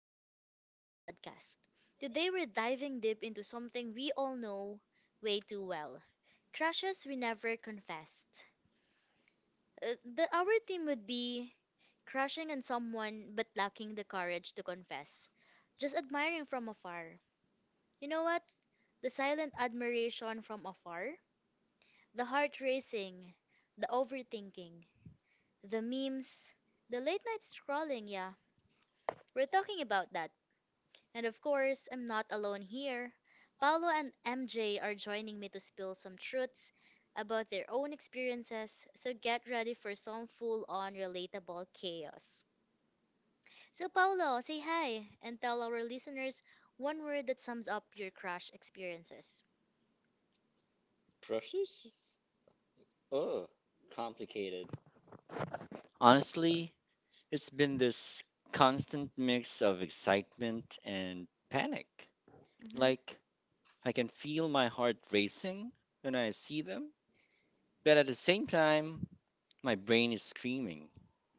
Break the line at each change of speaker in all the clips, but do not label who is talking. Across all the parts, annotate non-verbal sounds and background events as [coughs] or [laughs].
welcome back to the podcast. Today we're diving deep into something we all know way too well crushes we never confessed. Our theme would be crushing on someone but lacking the courage to confess, just admiring from afar. You know what? The silent admiration from afar, the heart racing, the overthinking, the memes, the late night scrolling, yeah. We're talking about that. And of course, I'm not alone here. Paolo and MJ are joining me to spill some truths about their own experiences, so get ready for some full on relatable chaos. So, Paolo, say hi and tell our listeners one word that sums up your crush experiences.
Crushes? Oh, complicated. Honestly, it's been this constant mix of excitement and panic.
Hmm.
Like, I can feel my heart racing when I see them, but at the same time, my brain is screaming,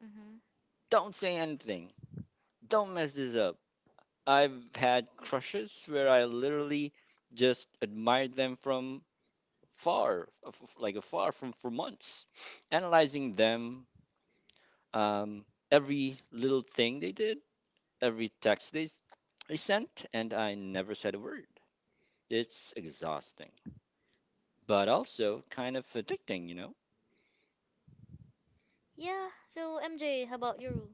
Hmm.
don't say anything! Don't mess this up! I've had crushes where I literally just admired them from like afar from for months, [sniffs] analyzing them um, every little thing they did, every text they sent, and I never said a word. It's exhausting, but also kind of addicting,
Yeah, so MJ, how about your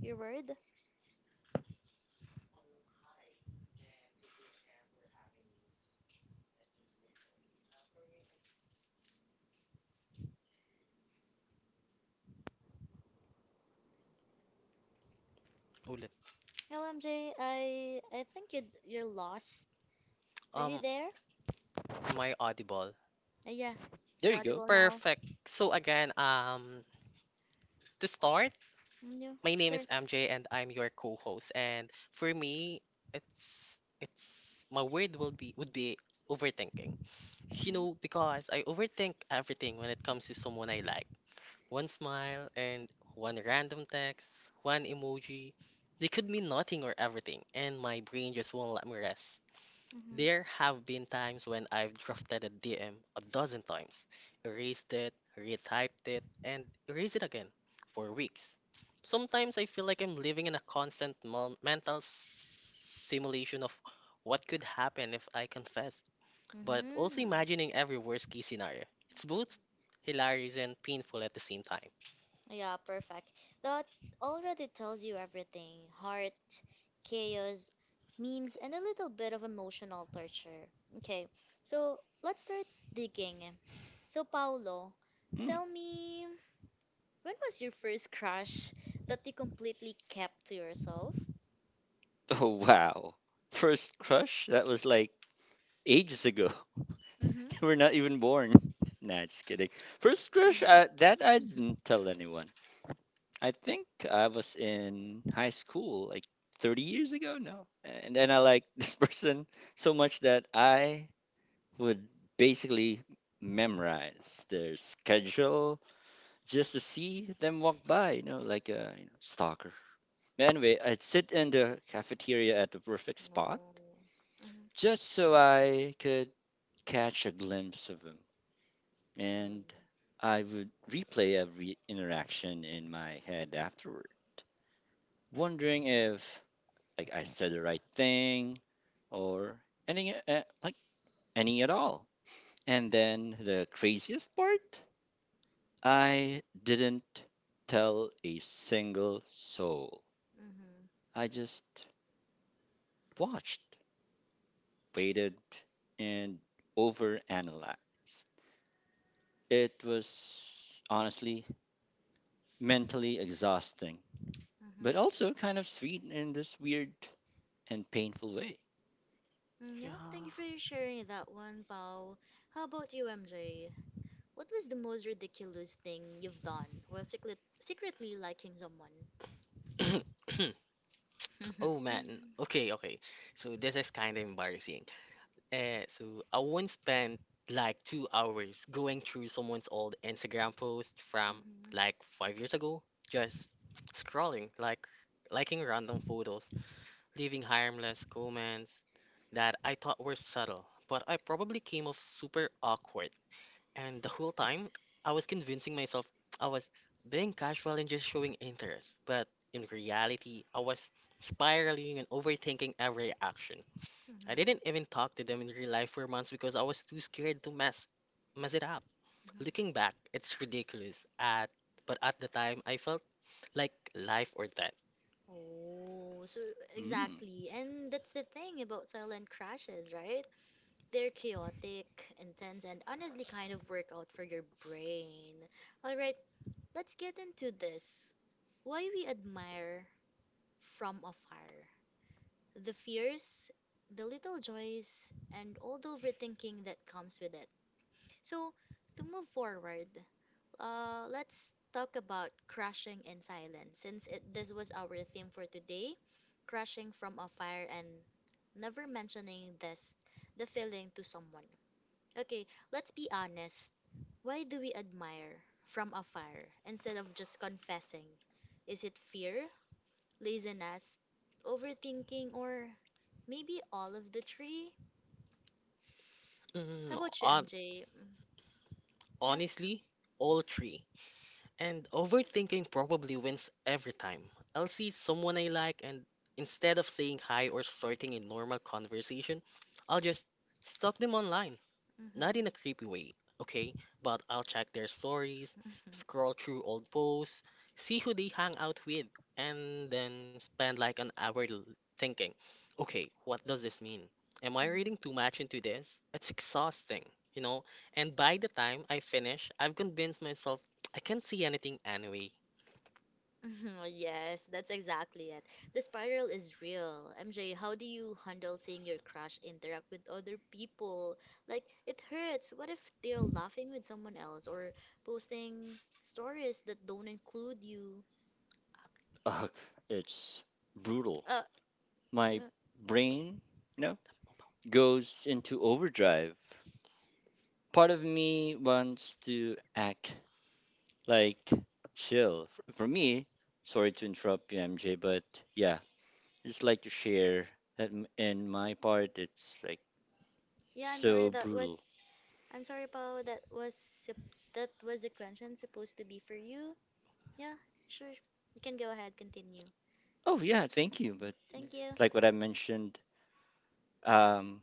your word?
Ulit.
Hello MJ, I think you're lost. Are you
Um,
there?
my audible?
Yeah,
There
you're
you go.
audible now.
Perfect. So again, to start,
Mm, yeah,
my name
sure.
is MJ and I'm your co-host. And for me, it's my word will be would be overthinking. You
Mhm.
know, because I overthink everything when it comes to someone I like. One smile and one random text, one emoji, they could mean nothing or everything, and my brain just won't let me rest.
Mhm.
There have been times when I've drafted a DM a dozen times, erased it, retyped it, and erased it again for weeks. Sometimes I feel like I'm living in a constant mental simulation of what could happen if I confessed, but also
Mhm.
imagining every worst case scenario. It's both hilarious and painful at the same time.
Yeah, perfect. That already tells you everything. Heart, chaos, memes, and a little bit of emotional torture. Okay, so let's start digging. So, Paolo,
Hmm. [laughs]
tell me. When was your first crush that you completely kept to yourself?
Oh, wow. First crush? That was like ages ago.
Mm-hmm.
[laughs] We're not even born. [laughs] Nah, just kidding. First crush,
[laughs]
that I didn't tell anyone. I think I was in high school like 30 years ago. No. And then I liked [laughs] this person so much that I would basically memorize their schedule just to see them walk by, you know, like a stalker. Anyway, I'd sit in the cafeteria at the perfect spot
Oh. Mm-hmm.
just so I could catch a glimpse of him. And I would replay every interaction in my head afterward, wondering if like I said the right thing or any uh, like any at all. And then the craziest part, I didn't tell a single soul.
Mm-hmm.
I just watched, waited, and overanalyzed. It was honestly mentally exhausting, but
Mm-hmm.
also kind of sweet in this weird and painful way.
Mm, yeah, thank you for your sharing that one, Pao. How about you, MJ? What was the most ridiculous thing you've done while secretly liking someone?
[coughs] [clears throat] Oh man.
[laughs]
Okay, okay. So this is kind of embarrassing. So I once spent like two hours going through someone's old Instagram post from
Mm-hmm.
like five years ago, just scrolling, like liking random photos, leaving harmless comments that I thought were subtle, but I probably came off super awkward. And the whole time, I was convincing myself I was being casual and just showing interest, but in reality, I was spiraling and overthinking every action. I
Mm-hmm.
didn't even talk to them in real life for months because I was too scared to mess it up.
Hmm.
Looking back, it's ridiculous. At but at the time, I felt like life or death.
Oh, so
Mm.
exactly. And that's the thing about silent crashes, right? They're chaotic, intense, and honestly kind of work out for your brain. All right, let's get into this. Why we admire from afar. The fears, the little joys, and all the overthinking that comes with it. So, to move forward, let's talk about crashing in silence since this was our theme for today, crashing from a fire and never mentioning this the feeling to someone. Okay, let's be honest. Why do we admire from afar instead of just confessing? Is it fear, laziness, overthinking, or maybe all of the three?
Mm,
How about you,
hon-
MJ? Mm, yeah.
Honestly, all three. And overthinking probably wins every time. I'll see someone I like, and instead of saying hi or starting a normal conversation, I'll just stalk them online. Not
Mm-hmm.
in a creepy way, okay? But I'll check their stories,
[laughs]
scroll through old posts, see who they hang out with, and then spend like an hour thinking, okay, what does this mean? Am I
Mhm. [laughs]
reading too much into this? It's exhausting, you know? And by the time I finish, I've convinced myself I can't see anything anyway.
Mhm, yes, that's exactly it. The spiral is real. MJ, how do you handle seeing your crush interact with other people? Like, it hurts. What if they're laughing with someone else or posting stories that don't include you?
Ugh, it's brutal.
Uh,
My
uh,
brain, you know, goes into overdrive. Part of me wants to act like chill. F- For me, sorry to interrupt you, MJ, but yeah, just like to share that in my part, it's like
yeah, I'm sorry.
so brutal.
I'm sorry, Pao. That was the question supposed to be for you. Yeah, sure. You can go ahead, continue.
Oh yeah, thank you.
Mm,
But
thank you.
like what I mentioned, um,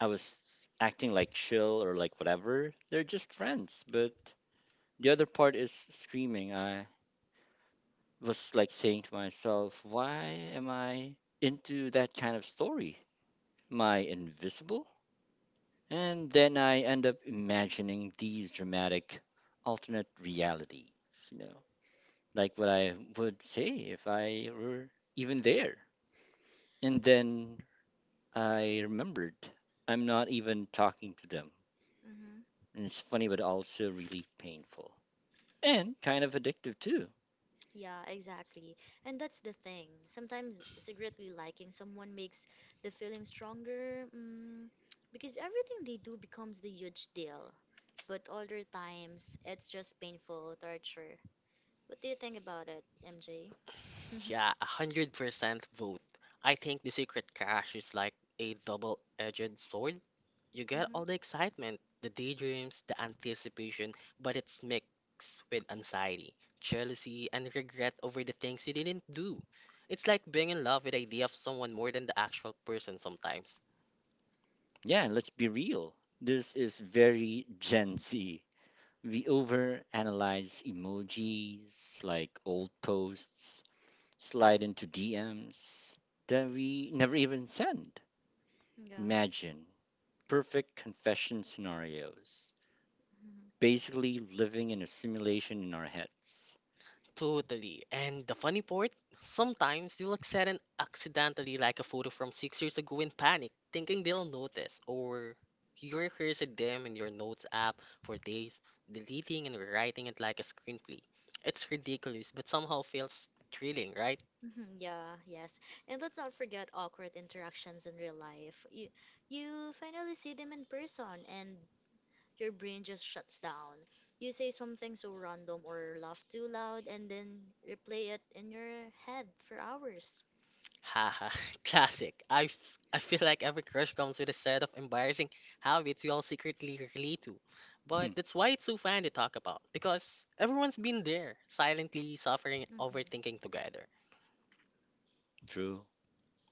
I was acting like chill or like whatever. They're just friends. But the other part is screaming. I was like saying to myself, why am I into that kind of story? Am I invisible? And then I end up imagining these dramatic alternate realities, you know, like what I would say if I were even there. And then I remembered I'm not even talking to them.
Hmm.
And it's funny, but also really painful and kind of addictive too.
Yeah, exactly. And that's the thing. Sometimes secretly liking someone makes the feeling stronger, because everything they do becomes the huge deal. But other times, it's just painful torture. What do you think about it, MJ? Hmm.
Yeah, 100% vote. I think the secret cash is like a double-edged sword. You get all the
[laughs]
excitement, the daydreams, the anticipation, but it's mixed with anxiety, jealousy, and regret over the things you didn't do. It's like being in love with the idea of someone more than the actual person sometimes.
Yeah, and let's be real. This is very Gen Z. We overanalyze emojis, like old posts, slide into DMs that we never even send.
Yeah.
Imagine perfect confession scenarios,
Mhm.
basically living in a simulation in our heads.
Totally. And the funny part, sometimes you will at accidentally like a photo from six years ago in panic, thinking they'll notice, or you rehearse at them in your notes app for days, deleting and rewriting it like a screenplay. It's ridiculous, but somehow feels thrilling, right?
Mhm. Yeah, yes. And let's not forget awkward interactions in real life. You finally see them in person and your brain just shuts down. You say something so random or laugh too loud and then replay it in your head for hours.
Haha, [laughs] classic. I feel like every crush comes with a set of embarrassing habits we all secretly relate to.
Hmm,
But that's why it's so fun to talk about, because everyone's been there, silently suffering and
Hmm.
overthinking together.
true,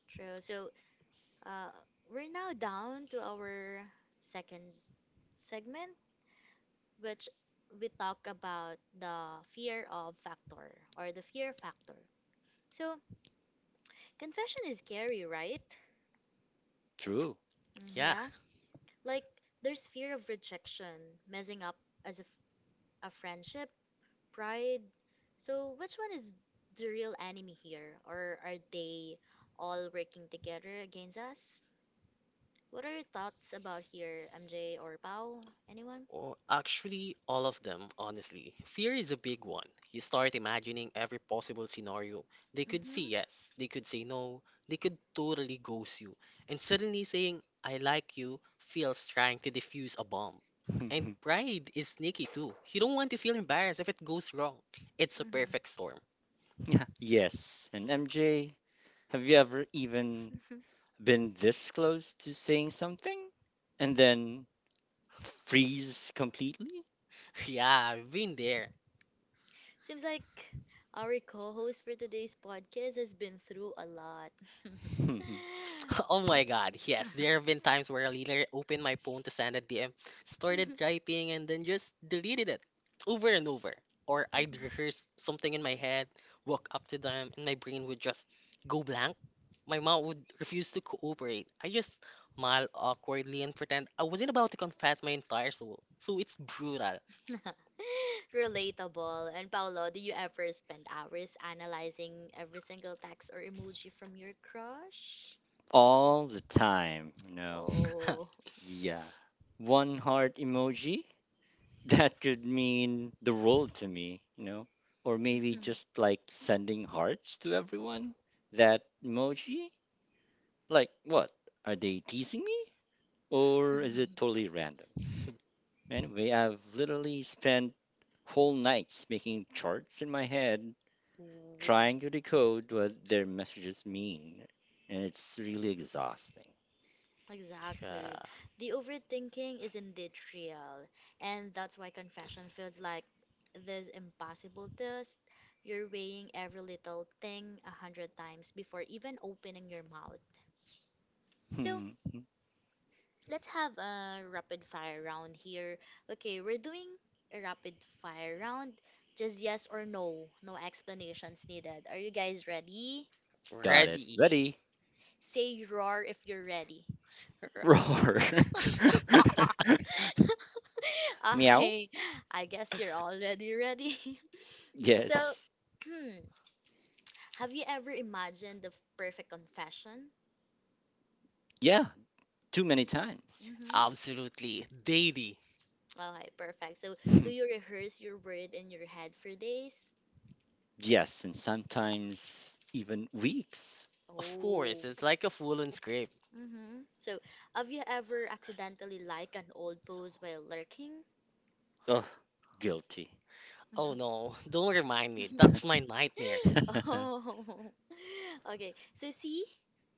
True. So, uh, we're now down to our second segment, which we talk about the fear of factor or the fear factor. So, confession is scary, right?
true.
Mm,
Yeah.
yeah. Like, there's fear of rejection, messing up as a friendship, pride. So, which one is the real enemy here? Or are they all working together against us? What are your thoughts about here, MJ or Pau? Anyone?
Oh, actually, all of them, honestly. Fear is a big one. You start imagining every possible scenario. They could
Mm-hmm.
say yes, they could say no, they could totally ghost you. And suddenly saying, I like you, feels trying to defuse a bomb. And
[laughs]
pride is sneaky too. You don't want to feel embarrassed if it goes wrong. It's a
Mm-hmm.
perfect storm.
Yeah, yes, and MJ, have you ever even
[laughs]
been this close to saying something and then freeze completely?
[laughs] Yeah, I've been there.
Seems like our co-host for today's podcast has been through a lot.
[laughs]
[laughs] Oh my god, yes. There have been times where I literally opened my phone to send a DM, started typing, and then just deleted it over and over. Or I'd rehearse something in my head, walk up to them, and my brain would just go blank. My mom would refuse to cooperate. I just smile awkwardly and pretend I wasn't about to confess my entire soul. So it's brutal.
[laughs] [laughs] Relatable. And Paolo, do you ever spend hours analyzing every single text or emoji from your crush?
All the time,
Oh.
[laughs]
Yeah. One heart emoji? [laughs] That could mean the world to me, Or maybe
Mhm.
just like sending hearts to everyone? That emoji? Like what? Are they teasing me? Or is
[laughs]
it totally random? Anyway, I've literally spent whole nights making charts in my head trying to decode what their messages mean. And it's really exhausting.
Exactly. The overthinking is indeed real, and that's why confession feels like this impossible test. You're weighing every little thing 100 times before even opening your mouth. So
[laughs]
let's have a rapid fire round here. Okay, we're doing a rapid fire round. Just yes or no. No explanations needed. Are you guys ready?
Got it.
Ready.
Ready?
Say roar if you're ready.
Roar.
[laughs]
[laughs]
[laughs] Meow.
Okay, I guess you're already ready. [laughs] So,
Yes.
[clears throat] have you ever imagined the perfect confession?
Yeah. Too many times.
Mm-hmm.
Absolutely. Daily.
Okay, perfect. So, do you
[laughs]
rehearse your word in your head for days?
Yes, and sometimes even weeks.
Of course,
Oh.
it's like a full-on script.
Mm-hmm. So, have you ever accidentally liked an old post while lurking?
Oh, guilty.
Oh no, [laughs] don't remind me. That's my
[laughs]
nightmare.
[laughs]
Oh, [laughs] okay. So, see,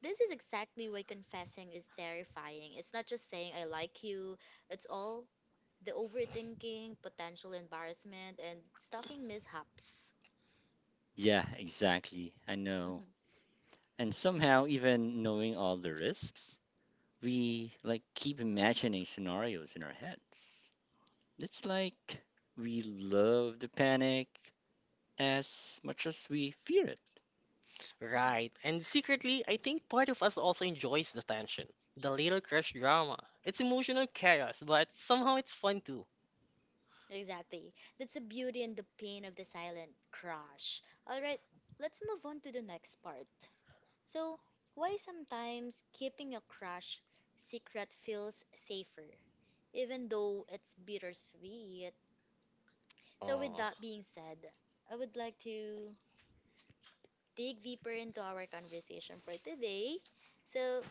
this is exactly why confessing is terrifying. It's not just saying I like you, it's all the overthinking, potential embarrassment, and stalking mishaps.
Yeah, exactly. I know.
Mm-hmm.
And somehow, even knowing all the risks, we like keep imagining scenarios in our heads. It's like we love the panic as much as we fear it.
Right. And secretly, I think part of us also enjoys the tension. The little crush drama. It's emotional chaos, but somehow it's fun too.
Exactly. That's the beauty and the pain of the silent crush. All right, let's move on to the next part. So, why sometimes keeping a crush secret feels safer, even though it's bittersweet? So, with
Oh.
that being said, I would like to dig deeper into our conversation for today. So,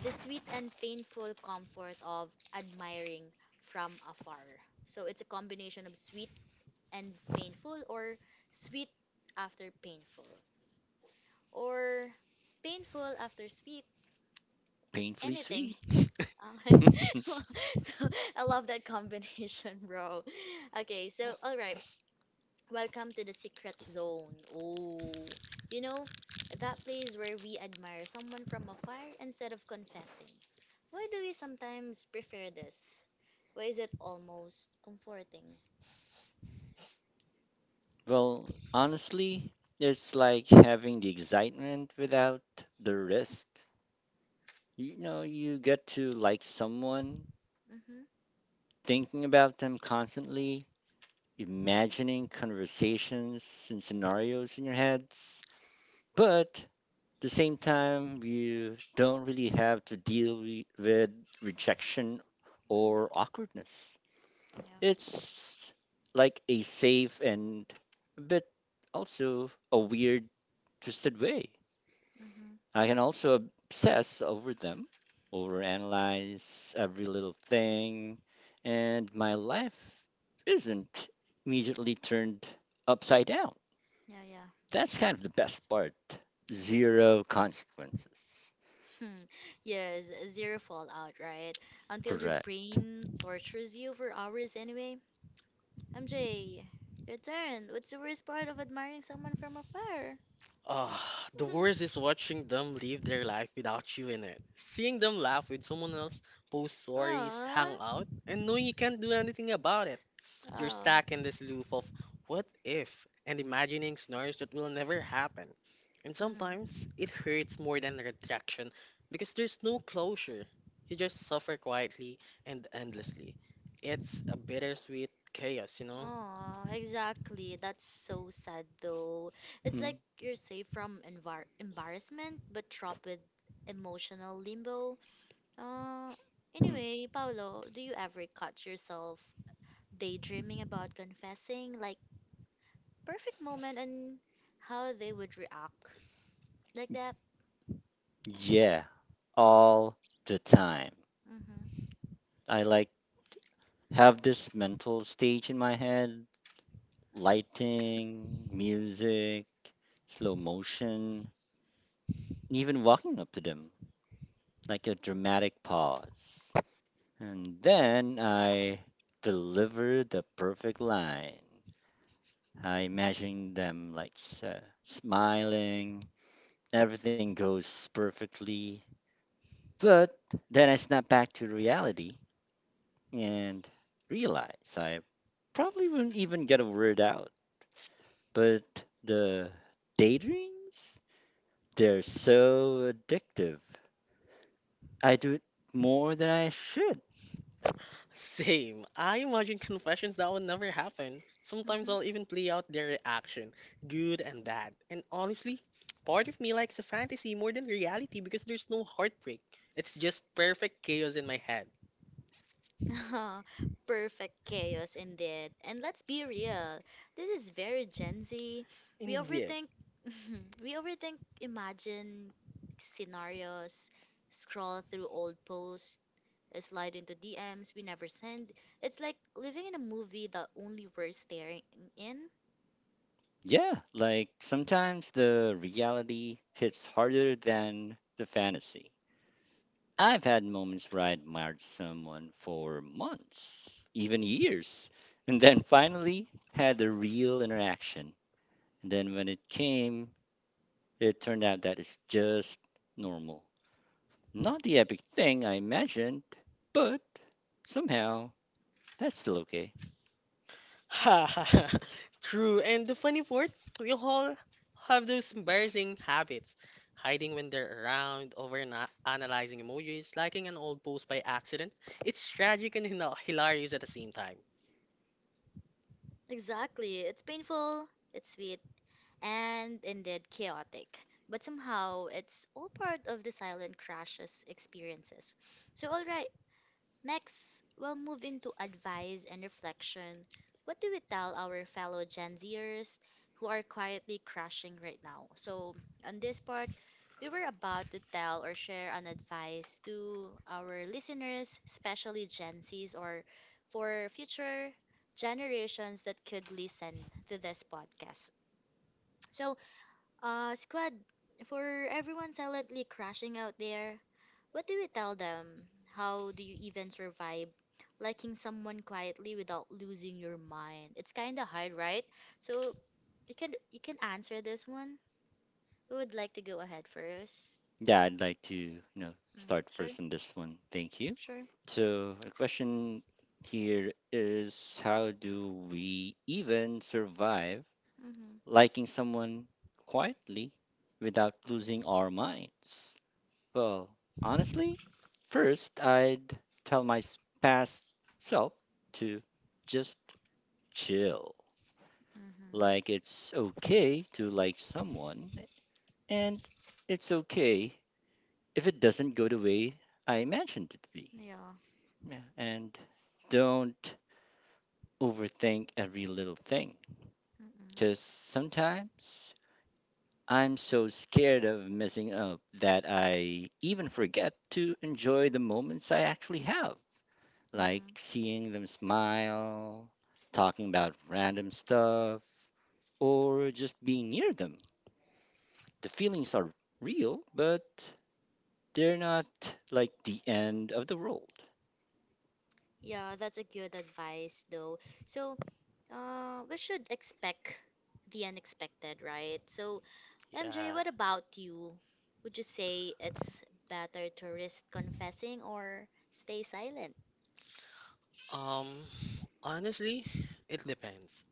the sweet and painful comfort of admiring from afar. So, it's a combination of sweet and painful, or sweet after painful, or painful after sweet,
Painfully
anything
sweet.
okay.
[laughs]
[laughs] So I love that combination, [laughs] bro. Okay, so all right, welcome to the secret zone. Oh, you know that place where we admire someone from afar instead of confessing. Why do we sometimes prefer this? Why is it almost comforting?
Well, honestly, it's like having the excitement without the risk. You know, you get to like someone,
Mm-hmm.
thinking about them constantly, imagining conversations and scenarios in your heads, but the same time, you don't really have to deal with rejection
Mm,
or
yeah.
awkwardness.
Yeah.
It's like a safe and but also a weird, twisted way.
Mm-hmm.
I can also obsess over them, overanalyze every little thing, and my life isn't immediately turned upside down.
Yeah, yeah. [laughs]
That's kind of the best part. Zero consequences.
Hmm. Yes, zero fallout, right? Until your
Correct.
brain tortures you for hours anyway. MJ, your turn. What's the worst part of admiring someone from afar? [laughs]
Ah, the worst is watching them live their life without you in it. Seeing them laugh with someone else, post stories, hang
Aww.
out, and knowing you can't do anything about it. You're
Oh.
stuck in this loop of what if and imagining scenarios that will never happen. And
Mm-hmm.
sometimes it hurts more than rejection because there's no closure. You just suffer quietly and endlessly. It's a bittersweet chaos, you know?
Oh, exactly. That's so sad though. It's
Hmm.
like you're safe from envar embarrassment, but trapped with emotional limbo. Uh,
Hmm.
anyway, Paolo, do you ever catch yourself daydreaming about confessing, like perfect moment and how they would react? Like that?
Yeah, all the time.
Mm-hmm.
I like have this mental stage in my head, lighting, music, slow motion, even walking up to them, like a dramatic pause. And then I deliver the perfect line. I imagine them smiling, everything goes perfectly. But then I snap back to reality and realize I probably wouldn't even get a word out. But the daydreams, they're so addictive. I do it more than I should.
Same. I imagine confessions that will never happen. Sometimes
Mm-hmm.
I'll even play out their reaction, good and bad. And honestly, part of me likes the fantasy more than reality because there's no heartbreak. It's just perfect chaos in my head.
[laughs] Perfect chaos indeed. And let's be real, this is very Gen Z. We
Indeed. [laughs]
overthink, [laughs] we overthink, imagine scenarios, scroll through old posts, slide into DMs we never send. It's like living in a movie that only we're staring in.
Yeah, like sometimes the reality hits harder than the fantasy. I've had moments where I admired someone for months, even years, and then finally had a real interaction. And then when it came, it turned out that it's just normal. Not the epic thing I imagined, but somehow that's still okay.
Ha ha ha. True. And the funny part, we all have those embarrassing habits. Hiding when they're around, over analyzing emojis, liking an old post by accident. It's tragic and hilarious at the same time.
Exactly. It's painful, it's sweet, and indeed chaotic. But somehow, it's all part of the silent crashes experiences. So, all right, next, we'll move into advice and reflection. What do we tell our fellow Gen Zers who are quietly crushing right now? So, on this part, we were about to tell or share an advice to our listeners, especially Gen Zs or for future generations that could listen to this podcast. So, squad, for everyone silently crashing out there, what do you tell them? How do you even survive liking someone quietly without losing your mind? It's kind of hard, right? So you can answer this one. Who would like to go ahead first?
Yeah, I'd like to, you know,
Mm,
start
sure,
first on this one. Thank you.
sure.
So, the question here is how do we even survive
Mhm,
liking someone quietly without losing our minds? Well, honestly, first I'd tell my past self to just chill.
mhm.
Like it's okay to like someone, and it's okay if it doesn't go the way I imagined it to be.
Yeah.
Yeah. And don't overthink every little thing
Mhm,
because sometimes I'm so scared of messing up that I even forget to enjoy the moments I actually have, like
mhm.
seeing them smile, talking about random stuff, or just being near them. The feelings are real, but they're not like the end of the world.
Yeah, that's a good advice, though. So, we should expect the unexpected, right? So, MJ,
Yeah.
what about you? Would you say it's better to risk confessing or stay silent?
Um, Honestly, it depends.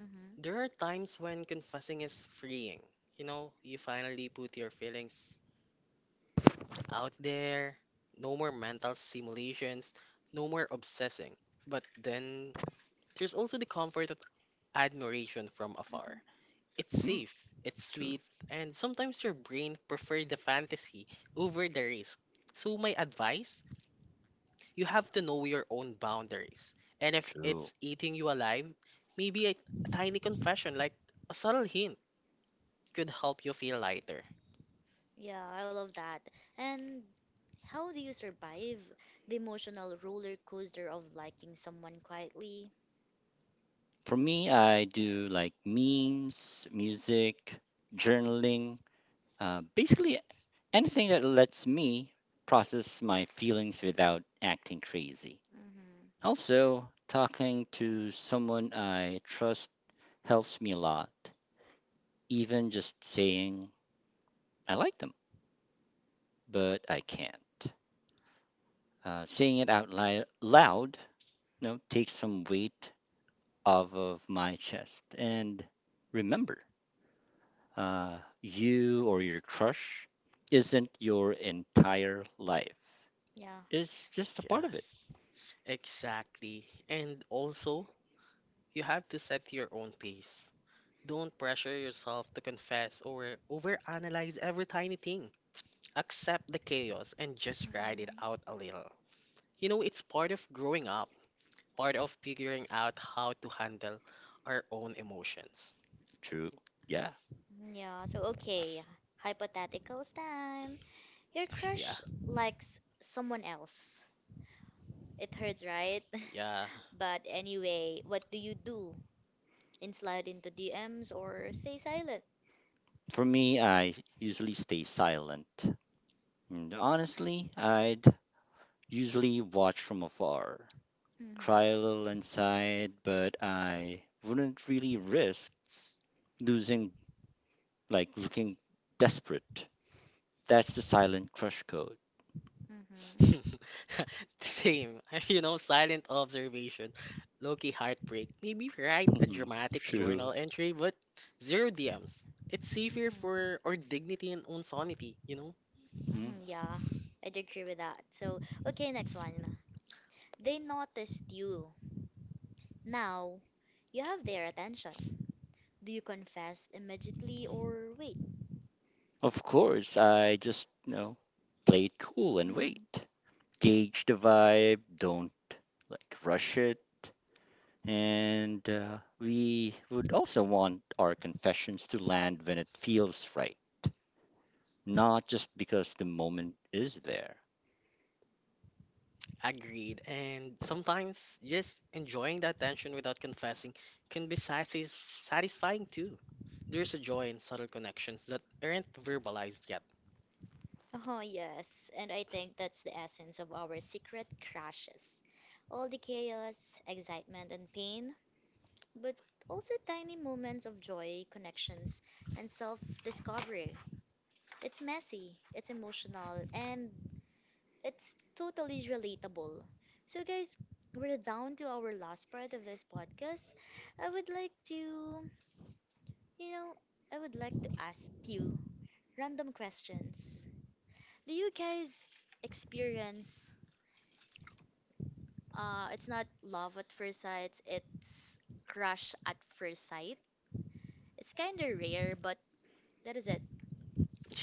Mm-hmm.
There are times when confessing is freeing. You know, you finally put your feelings out there. No more mental simulations, no more obsessing. But then there's also the comfort of admiration from afar.
Mm-hmm.
It's
Hmm,
safe, it's
true.
sweet, and sometimes your brain prefers the fantasy over the risk. So my advice, you have to know your own boundaries. And if
True.
it's eating you alive, maybe a tiny confession, like a subtle hint, could help you feel lighter.
Yeah, I love that. And how do you survive the emotional roller coaster of liking someone quietly?
For me, I do like memes, music,
Mm-hmm.
journaling, basically anything that lets me process my feelings without acting crazy.
Mm-hmm.
Also, talking to someone I trust helps me a lot. Even just saying I like them, but I can't. Saying it out loud, you know, takes some weight off of my chest. And remember, you or your crush isn't your entire life.
Yeah.
It's just a part of it.
Yes, exactly. And also, you have to set your own pace. Don't pressure yourself to confess or overanalyze every tiny thing. Accept the chaos and just ride it
Mm-mm.
out a little. You know, it's part of growing up, part of figuring out how to handle our own emotions.
True. Yeah.
Yeah, so okay. Hypotheticals time. Your
Yeah,
crush likes someone else. It hurts, right?
yeah.
[laughs] But anyway, what do you do? And slide into DMs or stay silent?
For me, I usually stay silent. And honestly, I'd usually watch from afar,
Mm-hmm.
cry a little inside, but I wouldn't really risk losing, like looking desperate. That's the silent crush code.
Mm-hmm.
[laughs] Same. [laughs] You know, silent observation, low-key heartbreak. Maybe
[laughs]
write a
Mhm,
dramatic
true.
journal entry, but zero DMs. It's safer
Mm-hmm.
for our dignity and own sanity, you know?
Mm.
Mm-hmm. Yeah, I'd agree with that. So, okay, next one. They noticed you. Now, you have their attention. Do you confess immediately or wait?
Of course, I just, you know, play it cool and wait. Gauge the vibe, don't like rush it. And we would also want our confessions to land when it feels right, not just because the moment is there.
Agreed. And sometimes just enjoying the attention without confessing can be satisfying too. There's a joy in subtle connections that aren't verbalized yet.
Oh, yes. And I think that's the essence of our secret crashes. All the chaos, excitement, and pain, but also tiny moments of joy, connections, and self discovery. It's messy, it's emotional, and it's totally relatable. So, guys, we're down to our last part of this podcast. I would like to, you know, I would like to ask you random questions. Do you guys experience it's not love at first sight, it's crush at first sight? It's kind of rare, but that is it.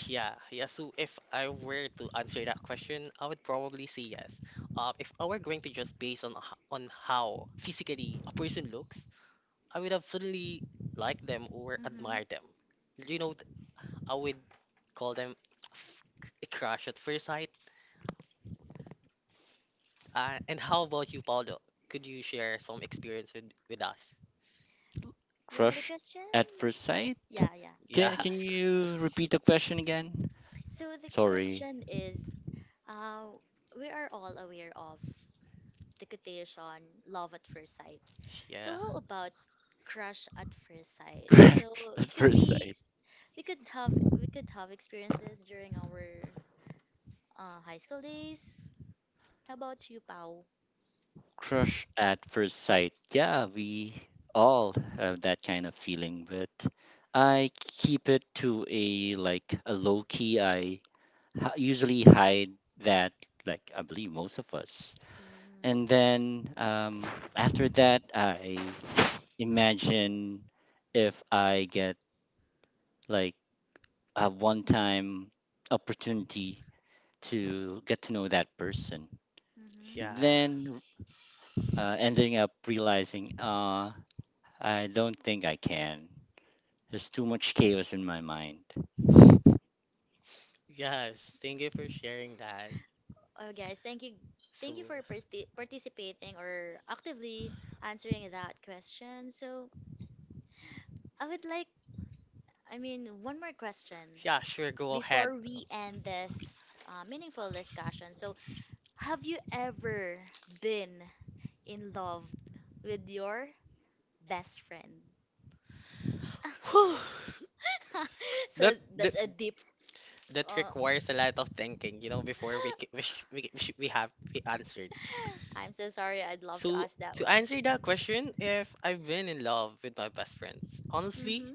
Yeah, yeah. So if I were to answer that question, I would probably say yes. If I were going to just base on on how physically a person looks, I would have suddenly liked them or
Mm-hmm.
admired them. You know, th- I would call them f- a crush at first sight. And how about you, Paolo? Could you share some experience with us?
Yeah, the
Crush
question.
at first sight?
Yeah, yeah.
Can,
Hmm.
can
Yes.
you repeat the question again?
So the
Sorry.
question is, uh, we are all aware of the quotation love at first sight.
[laughs]
So
Yeah.
how about crush at first
[laughs]
sight?
Crush
So it
at
could
first
be
sight.
we could have experiences during our high school days. How about you, Pau?
Crush at first sight. Yeah, we all have that kind of feeling, but I keep it to a like a low key. I usually hide that, like I believe most of us.
Mm.
And then after that, I imagine if I get like a one time opportunity to get to know that person.
Yeah.
Mm-hmm.
Then ending up realizing, I don't think I can. There's too much chaos in my mind.
Yes. Thank you for sharing that.
Oh, guys, thank you.
So,
Thank you for participating or actively answering that question. So, I would like, I mean, one more question
yeah, sure, go ahead.
before we end this meaningful discussion. So, have you ever been in love with your best friend?
Whew.
[laughs] [laughs] So
That, that
that's a deep.
that
Uh,
requires a lot of thinking, you know, before we c- we sh- we, c- we, sh- we have we answered.
I'm so sorry. I'd love to
So
ask that
to
one.
answer that question, if I've been in love with my best friends, honestly,
Mm-hmm.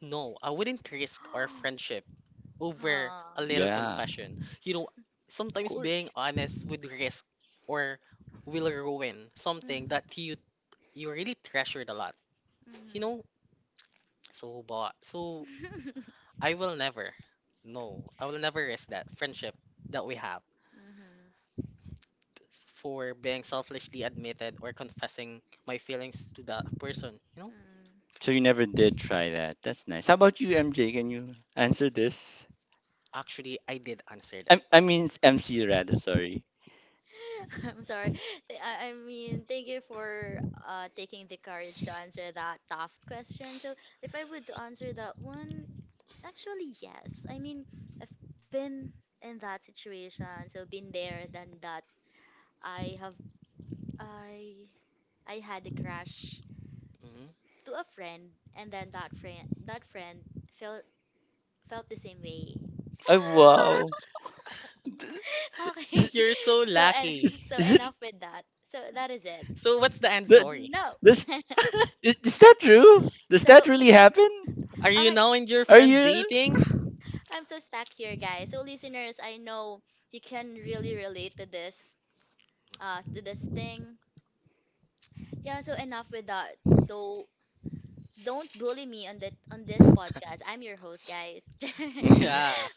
no, I wouldn't risk our
[gasps]
friendship over a
Ah.
little
Yeah.
confession. You know,
Of
sometimes being
course.
honest would risk or will ruin something
Mm-hmm.
that you really treasured a lot. You
Mm-hmm.
know, so
[laughs]
I will never, no, I will never risk that friendship that we have
Mm-hmm.
for being selfishly admitted or confessing my feelings to that person. You know,
Mm-hmm.
So you never did try that. That's nice. How about you, MJ? Can you answer this?
actually, I did answer
I
that.
I mean it's MC rather. Sorry.
[laughs] I'm sorry. I mean, thank you for taking the courage to answer that tough question. So, if I would answer that one, actually, yes. I mean, I've been in that situation, so been there, done that. I have, I, I had a crush
Mhm.
to a friend, and then that friend felt felt the same way.
Oh wow.
[laughs]
Is,
Okay.
[laughs] You're
[laughs]
so
So and
lucky.
so
is it
enough with that. So that is it.
So what's the
that
answer? [laughs]
No.
this
[laughs]
is that true? Does that
So,
really happen?
Are you
okay,
now and your
Are
friend
you?
dating?
I'm so stuck here, guys. So, listeners, I know you can really relate to this, thing. Yeah. So enough with that. Though, don't bully me on that on this podcast.
[laughs]
I'm your host, guys. [laughs]
Hmm.
Yeah.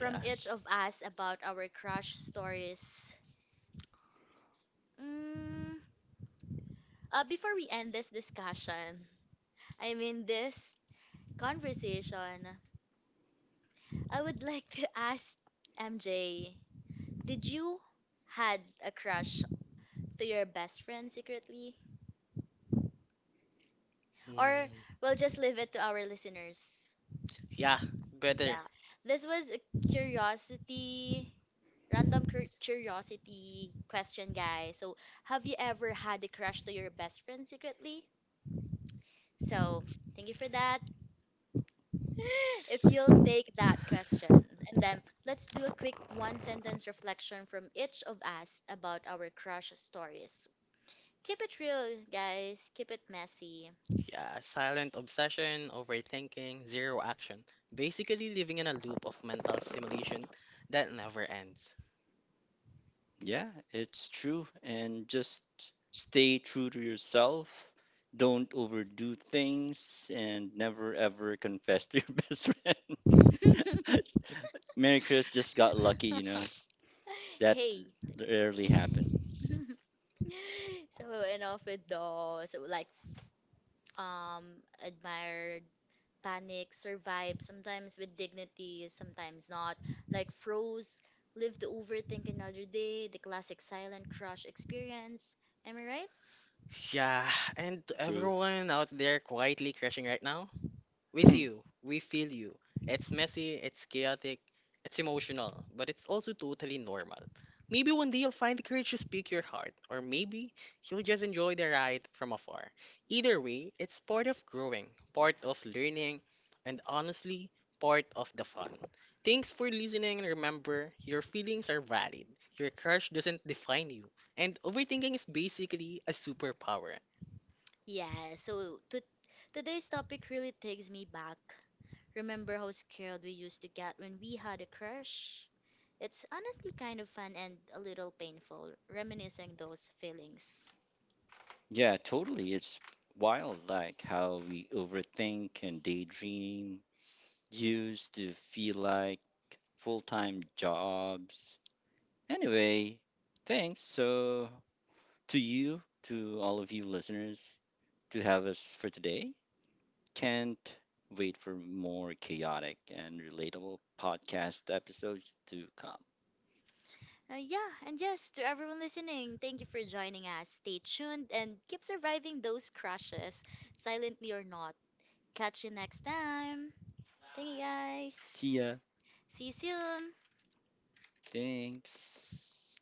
Yes.
Mm, Before we end this discussion, I mean this conversation, I would [laughs] like to ask MJ, did you had a crush to your best friend secretly? Or
Mm,
we'll just leave it to our listeners.
yeah, better.
Yeah. This was a curiosity, random curiosity question, guys. So, have you ever had a crush to your best friend secretly? So, thank you for that. [laughs] If you'll take that question, and then let's do a quick one sentence reflection from each of us about our crush stories. Keep it real, guys. Keep it messy.
Yeah, silent obsession, overthinking, zero action. Basically living in a loop of mental stimulation that never ends.
Yeah, it's true. And just stay true to yourself. Don't overdo things and never ever confess to your [laughs] best friend.
[laughs]
Mary Chris just got lucky, you know. That
Hey.
rarely happens.
So enough with those. So like um admire panic, survive. Sometimes with dignity, sometimes not. Like froze, lived to overthink another day, the classic silent crush experience. Am I right?
Yeah, and to
True.
everyone out there quietly crashing right now, with
Hmm.
you, we feel you. It's messy, it's chaotic, it's emotional, but it's also totally normal. Maybe one day you'll find the courage to speak your heart, or maybe you'll just enjoy the ride from afar. Either way, it's part of growing, part of learning, and honestly, part of the fun. Thanks for listening and remember, your feelings are valid. Your crush doesn't define you, and overthinking is basically a superpower.
Yeah, so to today's topic really takes me back. Remember how scared we used to get when we had a crush? It's honestly kind of fun and a little painful, reminiscing those feelings.
Yeah, totally. It's wild, like how we overthink and daydream, used to feel like full time jobs. Anyway, thanks so to you, to all of you listeners, to have us for today. Can't wait for more chaotic and relatable podcast episodes to come.
Yeah, and yes, to everyone listening, thank you for joining us. Stay tuned and keep surviving those crushes, silently or not. Catch you next time. Thank you guys.
See ya.
See you soon.
Thanks.